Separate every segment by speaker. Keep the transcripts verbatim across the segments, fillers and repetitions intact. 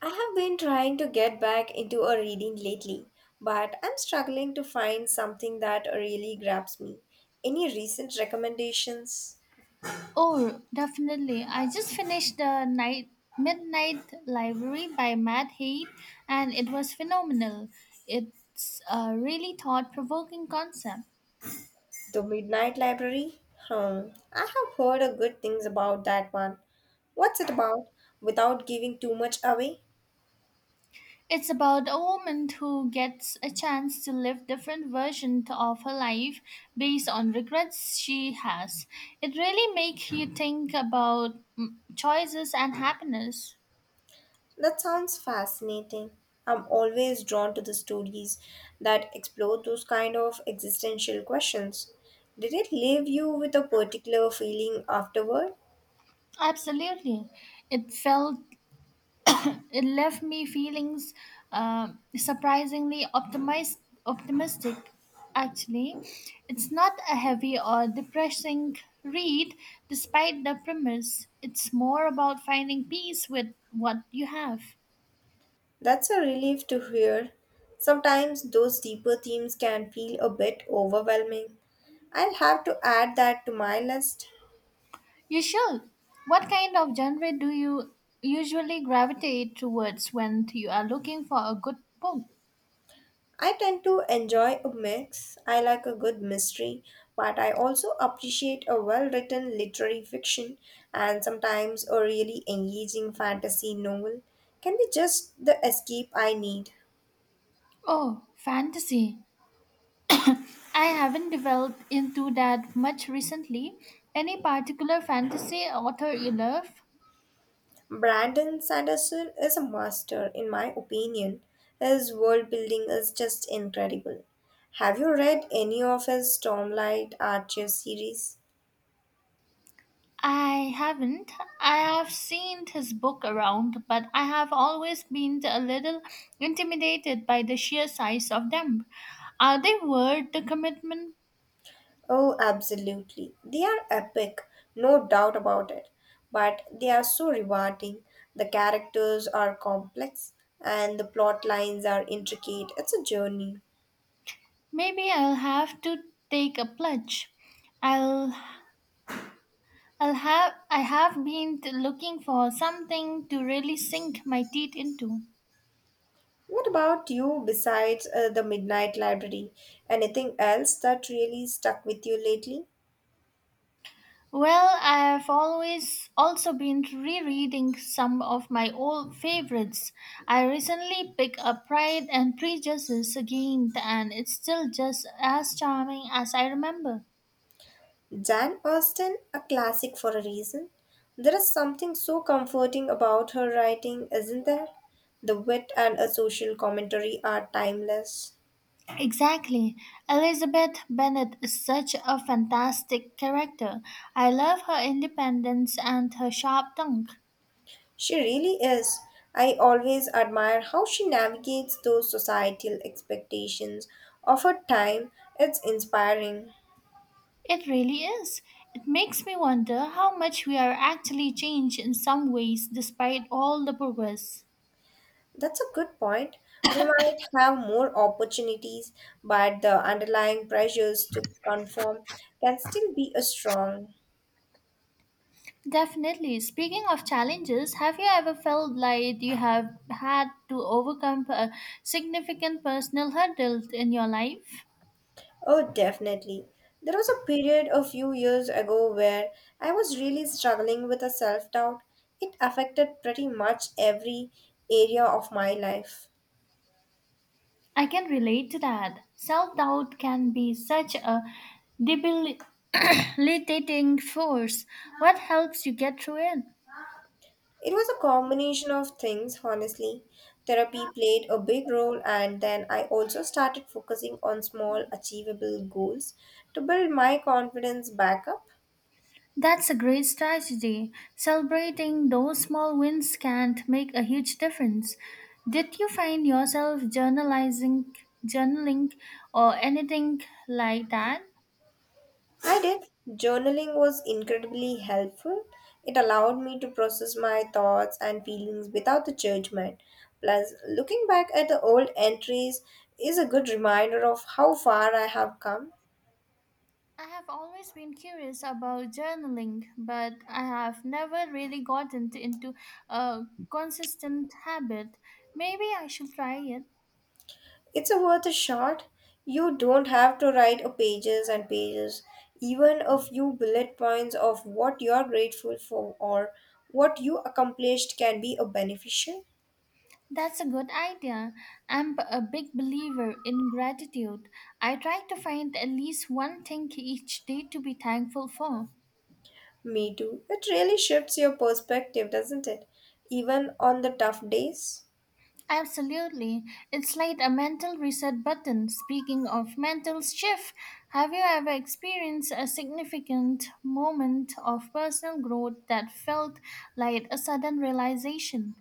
Speaker 1: I have been trying to get back into a reading lately, but I'm struggling to find something that really grabs me. Any recent recommendations?
Speaker 2: Oh, definitely. I just finished the night Midnight Library by Matt Haig, and it was phenomenal. It's a really thought-provoking concept.
Speaker 1: The Midnight Library? Hmm, I have heard a good things about that one. What's it about? Without giving too much away?
Speaker 2: It's about a woman who gets a chance to live different versions of her life based on regrets she has. It really makes you think about mm, choices and happiness.
Speaker 1: That sounds fascinating. I'm always drawn to the stories that explore those kind of existential questions. Did it leave you with a particular feeling afterward?
Speaker 2: Absolutely. It felt It left me feelings, uh, surprisingly optimized, optimistic. Actually, it's not a heavy or depressing read, despite the premise. It's more about finding peace with what you have.
Speaker 1: That's a relief to hear. Sometimes those deeper themes can feel a bit overwhelming. I'll have to add that to my list.
Speaker 2: You should. What kind of genre do you usually gravitate towards when you are looking for a good book?
Speaker 1: I tend to enjoy a mix. I like a good mystery, but I also appreciate a well written literary fiction and sometimes a really engaging fantasy novel can be just the escape I need.
Speaker 2: Oh, fantasy. I haven't developed into that much recently. Any particular fantasy author you love?
Speaker 1: Brandon Sanderson is a master, in my opinion. His world building is just incredible. Have you read any of his Stormlight Archer series?
Speaker 2: I haven't. I have seen his book around, but I have always been a little intimidated by the sheer size of them. Are they worth the commitment?
Speaker 1: Oh, absolutely. They are epic, no doubt about it. But they are so rewarding. The characters are complex and the plot lines are intricate. It's a journey.
Speaker 2: Maybe I'll have to take a plunge. I'll I'll have I have been looking for something to really sink my teeth into.
Speaker 1: What about you besides uh, the Midnight Library? Anything else that really stuck with you lately?
Speaker 2: Well, I've always also been rereading some of my old favorites. I recently picked up Pride and Prejudice again, and it's still just as charming as I remember.
Speaker 1: Jan Austen, a classic for a reason. There is something so comforting about her writing, isn't there? The wit and a social commentary are timeless.
Speaker 2: Exactly. Elizabeth Bennet is such a fantastic character. I love her independence and her sharp tongue.
Speaker 1: She really is. I always admire how she navigates those societal expectations of her time. It's inspiring.
Speaker 2: It really is. It makes me wonder how much we are actually changed in some ways despite all the progress.
Speaker 1: That's a good point. We might have more opportunities, but the underlying pressures to conform can still be a strong.
Speaker 2: Definitely. Speaking of challenges, have you ever felt like you have had to overcome a significant personal hurdle in your life?
Speaker 1: Oh, definitely. There was a period a few years ago where I was really struggling with a self doubt. It affected pretty much every area of my life.
Speaker 2: I can relate to that. Self doubt can be such a debilitating force. What helps you get through it?
Speaker 1: It was a combination of things, honestly. Therapy played a big role, and then I also started focusing on small, achievable goals to build my confidence back up.
Speaker 2: That's a great strategy. Celebrating those small wins can't make a huge difference. Did you find yourself journalizing, journaling, or anything like that?
Speaker 1: I did. Journaling was incredibly helpful. It allowed me to process my thoughts and feelings without the judgment. Plus, looking back at the old entries is a good reminder of how far I have come.
Speaker 2: I have always been curious about journaling, but I have never really gotten into a consistent habit. Maybe I should try it.
Speaker 1: It's a worth a shot. You don't have to write a pages and pages. Even a few bullet points of what you are grateful for or what you accomplished can be a beneficial.
Speaker 2: That's a good idea. I'm b- a big believer in gratitude. I try to find at least one thing each day to be thankful for.
Speaker 1: Me too. It really shifts your perspective, doesn't it? Even on the tough days.
Speaker 2: Absolutely. It's like a mental reset button. Speaking of mental shift, have you ever experienced a significant moment of personal growth that felt like a sudden realization?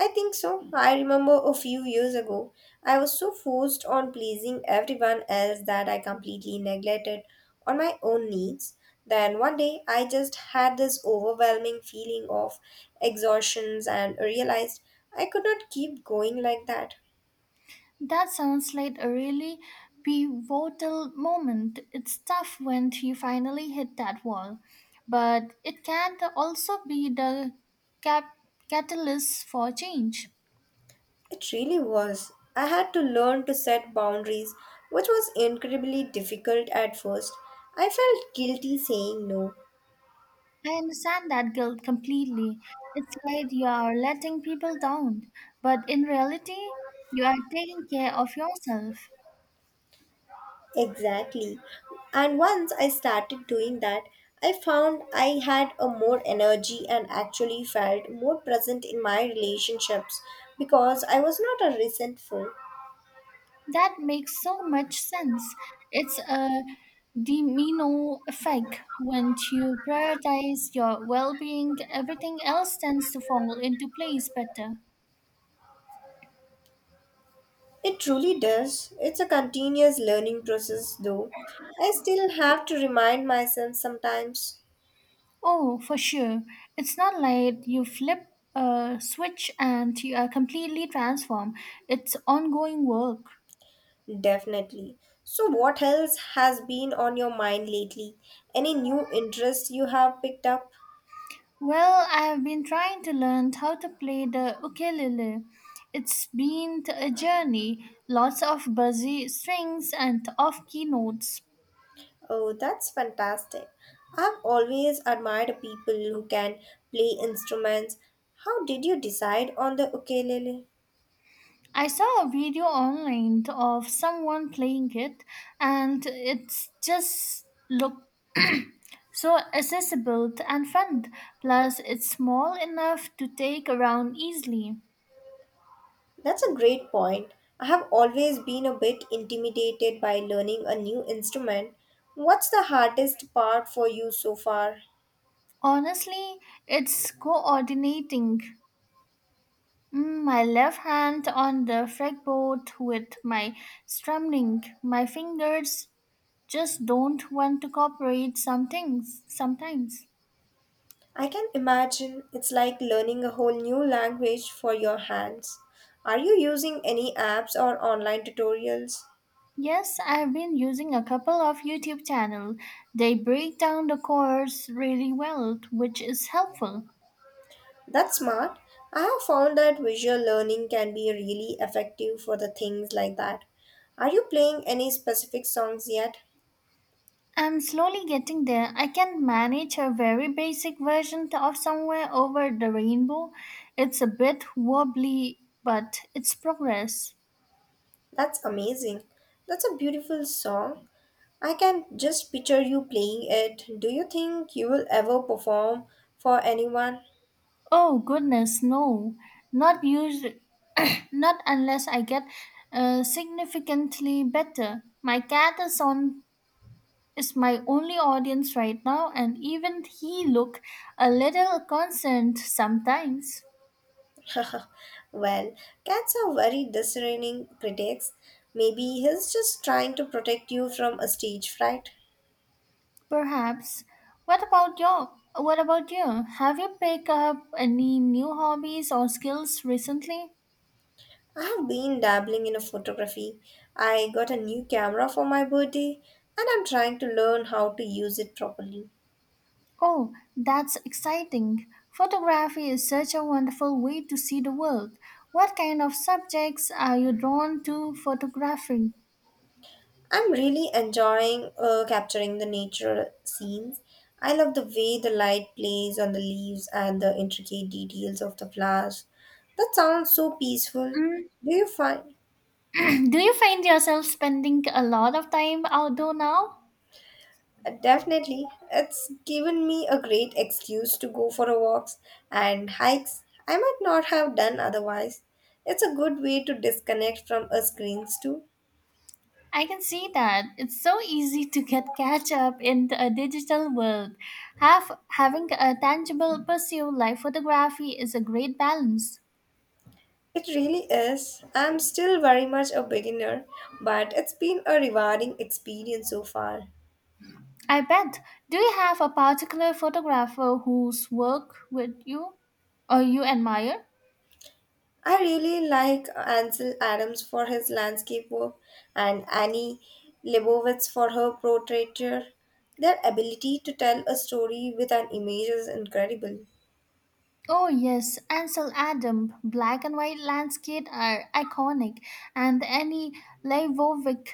Speaker 1: I think so. I remember a few years ago, I was so forced on pleasing everyone else that I completely neglected on my own needs. Then one day, I just had this overwhelming feeling of exhaustions and realized I could not keep going like that.
Speaker 2: That sounds like a really pivotal moment. It's tough when you finally hit that wall, but it can also be the cap- catalyst for change.
Speaker 1: It really was. I had to learn to set boundaries, which was incredibly difficult at first. I felt guilty saying no.
Speaker 2: I understand that guilt completely. It's like you are letting people down, but in reality, you are taking care of yourself.
Speaker 1: Exactly. And once I started doing that, I found I had a more energy and actually felt more present in my relationships because I was not a resentful.
Speaker 2: That makes so much sense. It's a domino effect. When you prioritize your well being, everything else tends to fall into place better.
Speaker 1: It truly does. It's a continuous learning process though. I still have to remind myself sometimes.
Speaker 2: Oh, for sure. It's not like you flip a switch and you are completely transformed. It's ongoing work.
Speaker 1: Definitely. So, what else has been on your mind lately? Any new interests you have picked up?
Speaker 2: Well, I have been trying to learn how to play the ukulele. It's been a journey, lots of busy strings and off key notes.
Speaker 1: Oh, that's fantastic. I've always admired people who can play instruments. How did you decide on the ukulele?
Speaker 2: I saw a video online of someone playing it, and it's just looked so accessible and fun. Plus, it's small enough to take around easily.
Speaker 1: That's a great point. I have always been a bit intimidated by learning a new instrument. What's the hardest part for you so far?
Speaker 2: Honestly, it's coordinating mm, my left hand on the fretboard with my strumming. My fingers just don't want to cooperate some things sometimes.
Speaker 1: I can imagine it's like learning a whole new language for your hands. Are you using any apps or online tutorials?
Speaker 2: Yes, I've been using a couple of YouTube channel. They break down the course really well, which is helpful.
Speaker 1: That's smart. I have found that visual learning can be really effective for the things like that. Are you playing any specific songs yet?
Speaker 2: I'm slowly getting there. I can manage a very basic version of Somewhere Over the Rainbow. It's a bit wobbly, but it's progress.
Speaker 1: That's amazing. That's a beautiful song. I can just picture you playing it. Do you think you will ever perform for anyone?
Speaker 2: Oh goodness, no. Not used Not unless I get uh, significantly better. My cat is on is my only audience right now and even he look a little concerned sometimes.
Speaker 1: Well, cats are very discerning critics. Maybe he's just trying to protect you from a stage fright.
Speaker 2: Perhaps. what about your what about you? Have you picked up any new hobbies or skills recently?
Speaker 1: I have been dabbling in a photography. I got a new camera for my birthday and I'm trying to learn how to use it properly.
Speaker 2: Oh, that's exciting. Photography is such a wonderful way to see the world. What kind of subjects are you drawn to photographing?
Speaker 1: I'm really enjoying uh, capturing the nature scenes. I love the way the light plays on the leaves and the intricate details of the flowers. That sounds so peaceful.
Speaker 2: Mm,
Speaker 1: Do you find
Speaker 2: do you find yourself spending a lot of time outdoor now?
Speaker 1: Definitely. It's given me a great excuse to go for a walks and hikes I might not have done otherwise. It's a good way to disconnect from a screens too.
Speaker 2: I can see that. It's so easy to get catch up in a digital world. Have, having a tangible pursuit like photography is a great balance.
Speaker 1: It really is. I'm still very much a beginner, but it's been a rewarding experience so far.
Speaker 2: I bet. Do you have a particular photographer whose work with you or you admire?
Speaker 1: I really like Ansel Adams for his landscape work and Annie Leibovitz for her portraiture. Their ability to tell a story with an image is incredible.
Speaker 2: Oh yes, Ansel Adams. Black and white landscape are iconic, and any Leivovic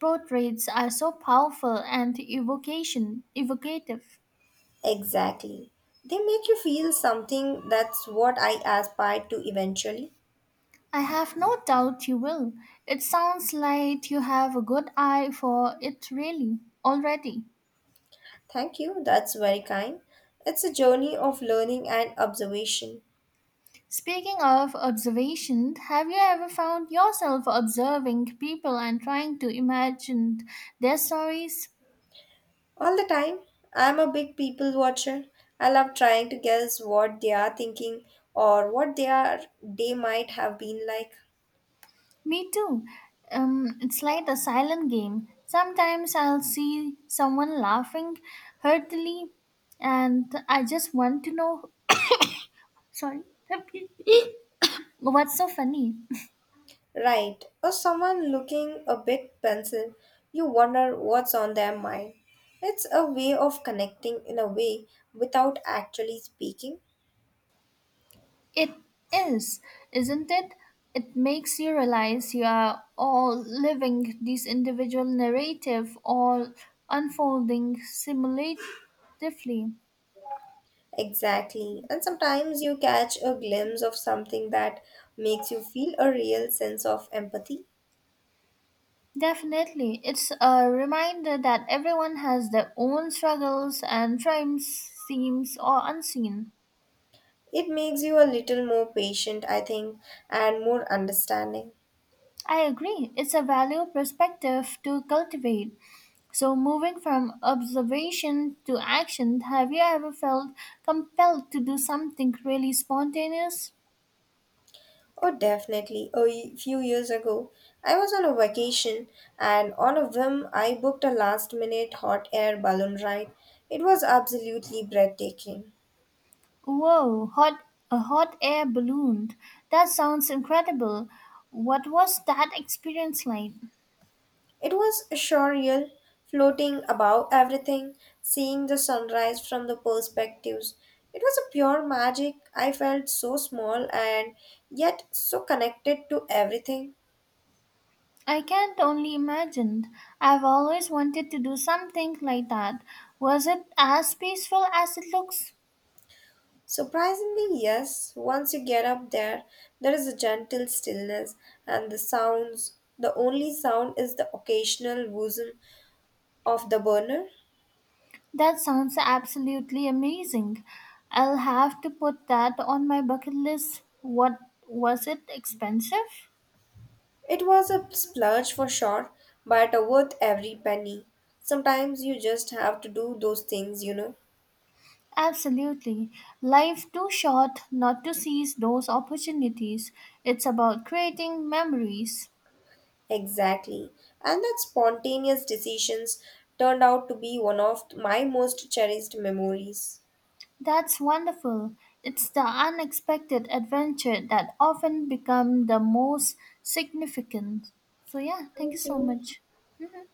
Speaker 2: portraits are so powerful and evocation evocative.
Speaker 1: Exactly. They make you feel something that's what I aspire to eventually.
Speaker 2: I have no doubt you will. It sounds like you have a good eye for it, really, already.
Speaker 1: Thank you, that's very kind. It's a journey of learning and observation.
Speaker 2: Speaking of observation, have you ever found yourself observing people and trying to imagine their stories?
Speaker 1: All the time, I'm a big people watcher. I love trying to guess what they are thinking or what they are they might have been like.
Speaker 2: Me too. Um, it's like a silent game. Sometimes I'll see someone laughing heartily, and I just want to know. Sorry. What's so funny?
Speaker 1: Right, or someone looking a bit pensive, you wonder what's on their mind. It's a way of connecting in a way without actually speaking.
Speaker 2: It is, isn't it? It makes you realize you are all living this individual narrative, all unfolding simulatively.
Speaker 1: Exactly. And sometimes you catch a glimpse of something that makes you feel a real sense of empathy.
Speaker 2: Definitely, it's a reminder that everyone has their own struggles and triumphs, seems or unseen.
Speaker 1: It makes you a little more patient, I think, and more understanding.
Speaker 2: I agree, it's a valuable perspective to cultivate. So, moving from observation to action, have you ever felt compelled to do something really spontaneous?
Speaker 1: Oh, definitely. A y- few years ago, I was on a vacation and on a whim, I booked a last minute hot air balloon ride. It was absolutely breathtaking.
Speaker 2: Whoa, hot, a hot air balloon. That sounds incredible. What was that experience like?
Speaker 1: It was surreal, floating above everything, seeing the sunrise from the perspectives. It was a pure magic. I felt so small and yet so connected to everything.
Speaker 2: I can't only imagine. I've always wanted to do something like that. Was it as peaceful as it looks?
Speaker 1: Surprisingly, yes, once you get up there, there is a gentle stillness, and the sounds the only sound is the occasional whistle of the burner.
Speaker 2: That sounds absolutely amazing. I'll have to put that on my bucket list. What was it expensive?
Speaker 1: It was a splurge for sure, but worth every penny. Sometimes you just have to do those things, you know.
Speaker 2: Absolutely. Life too short not to seize those opportunities. It's about creating memories.
Speaker 1: Exactly. And that spontaneous decisions turned out to be one of my most cherished memories.
Speaker 2: That's wonderful. It's the unexpected adventure that often become the most significant. So yeah, thank you
Speaker 1: Thank
Speaker 2: so
Speaker 1: you.
Speaker 2: much.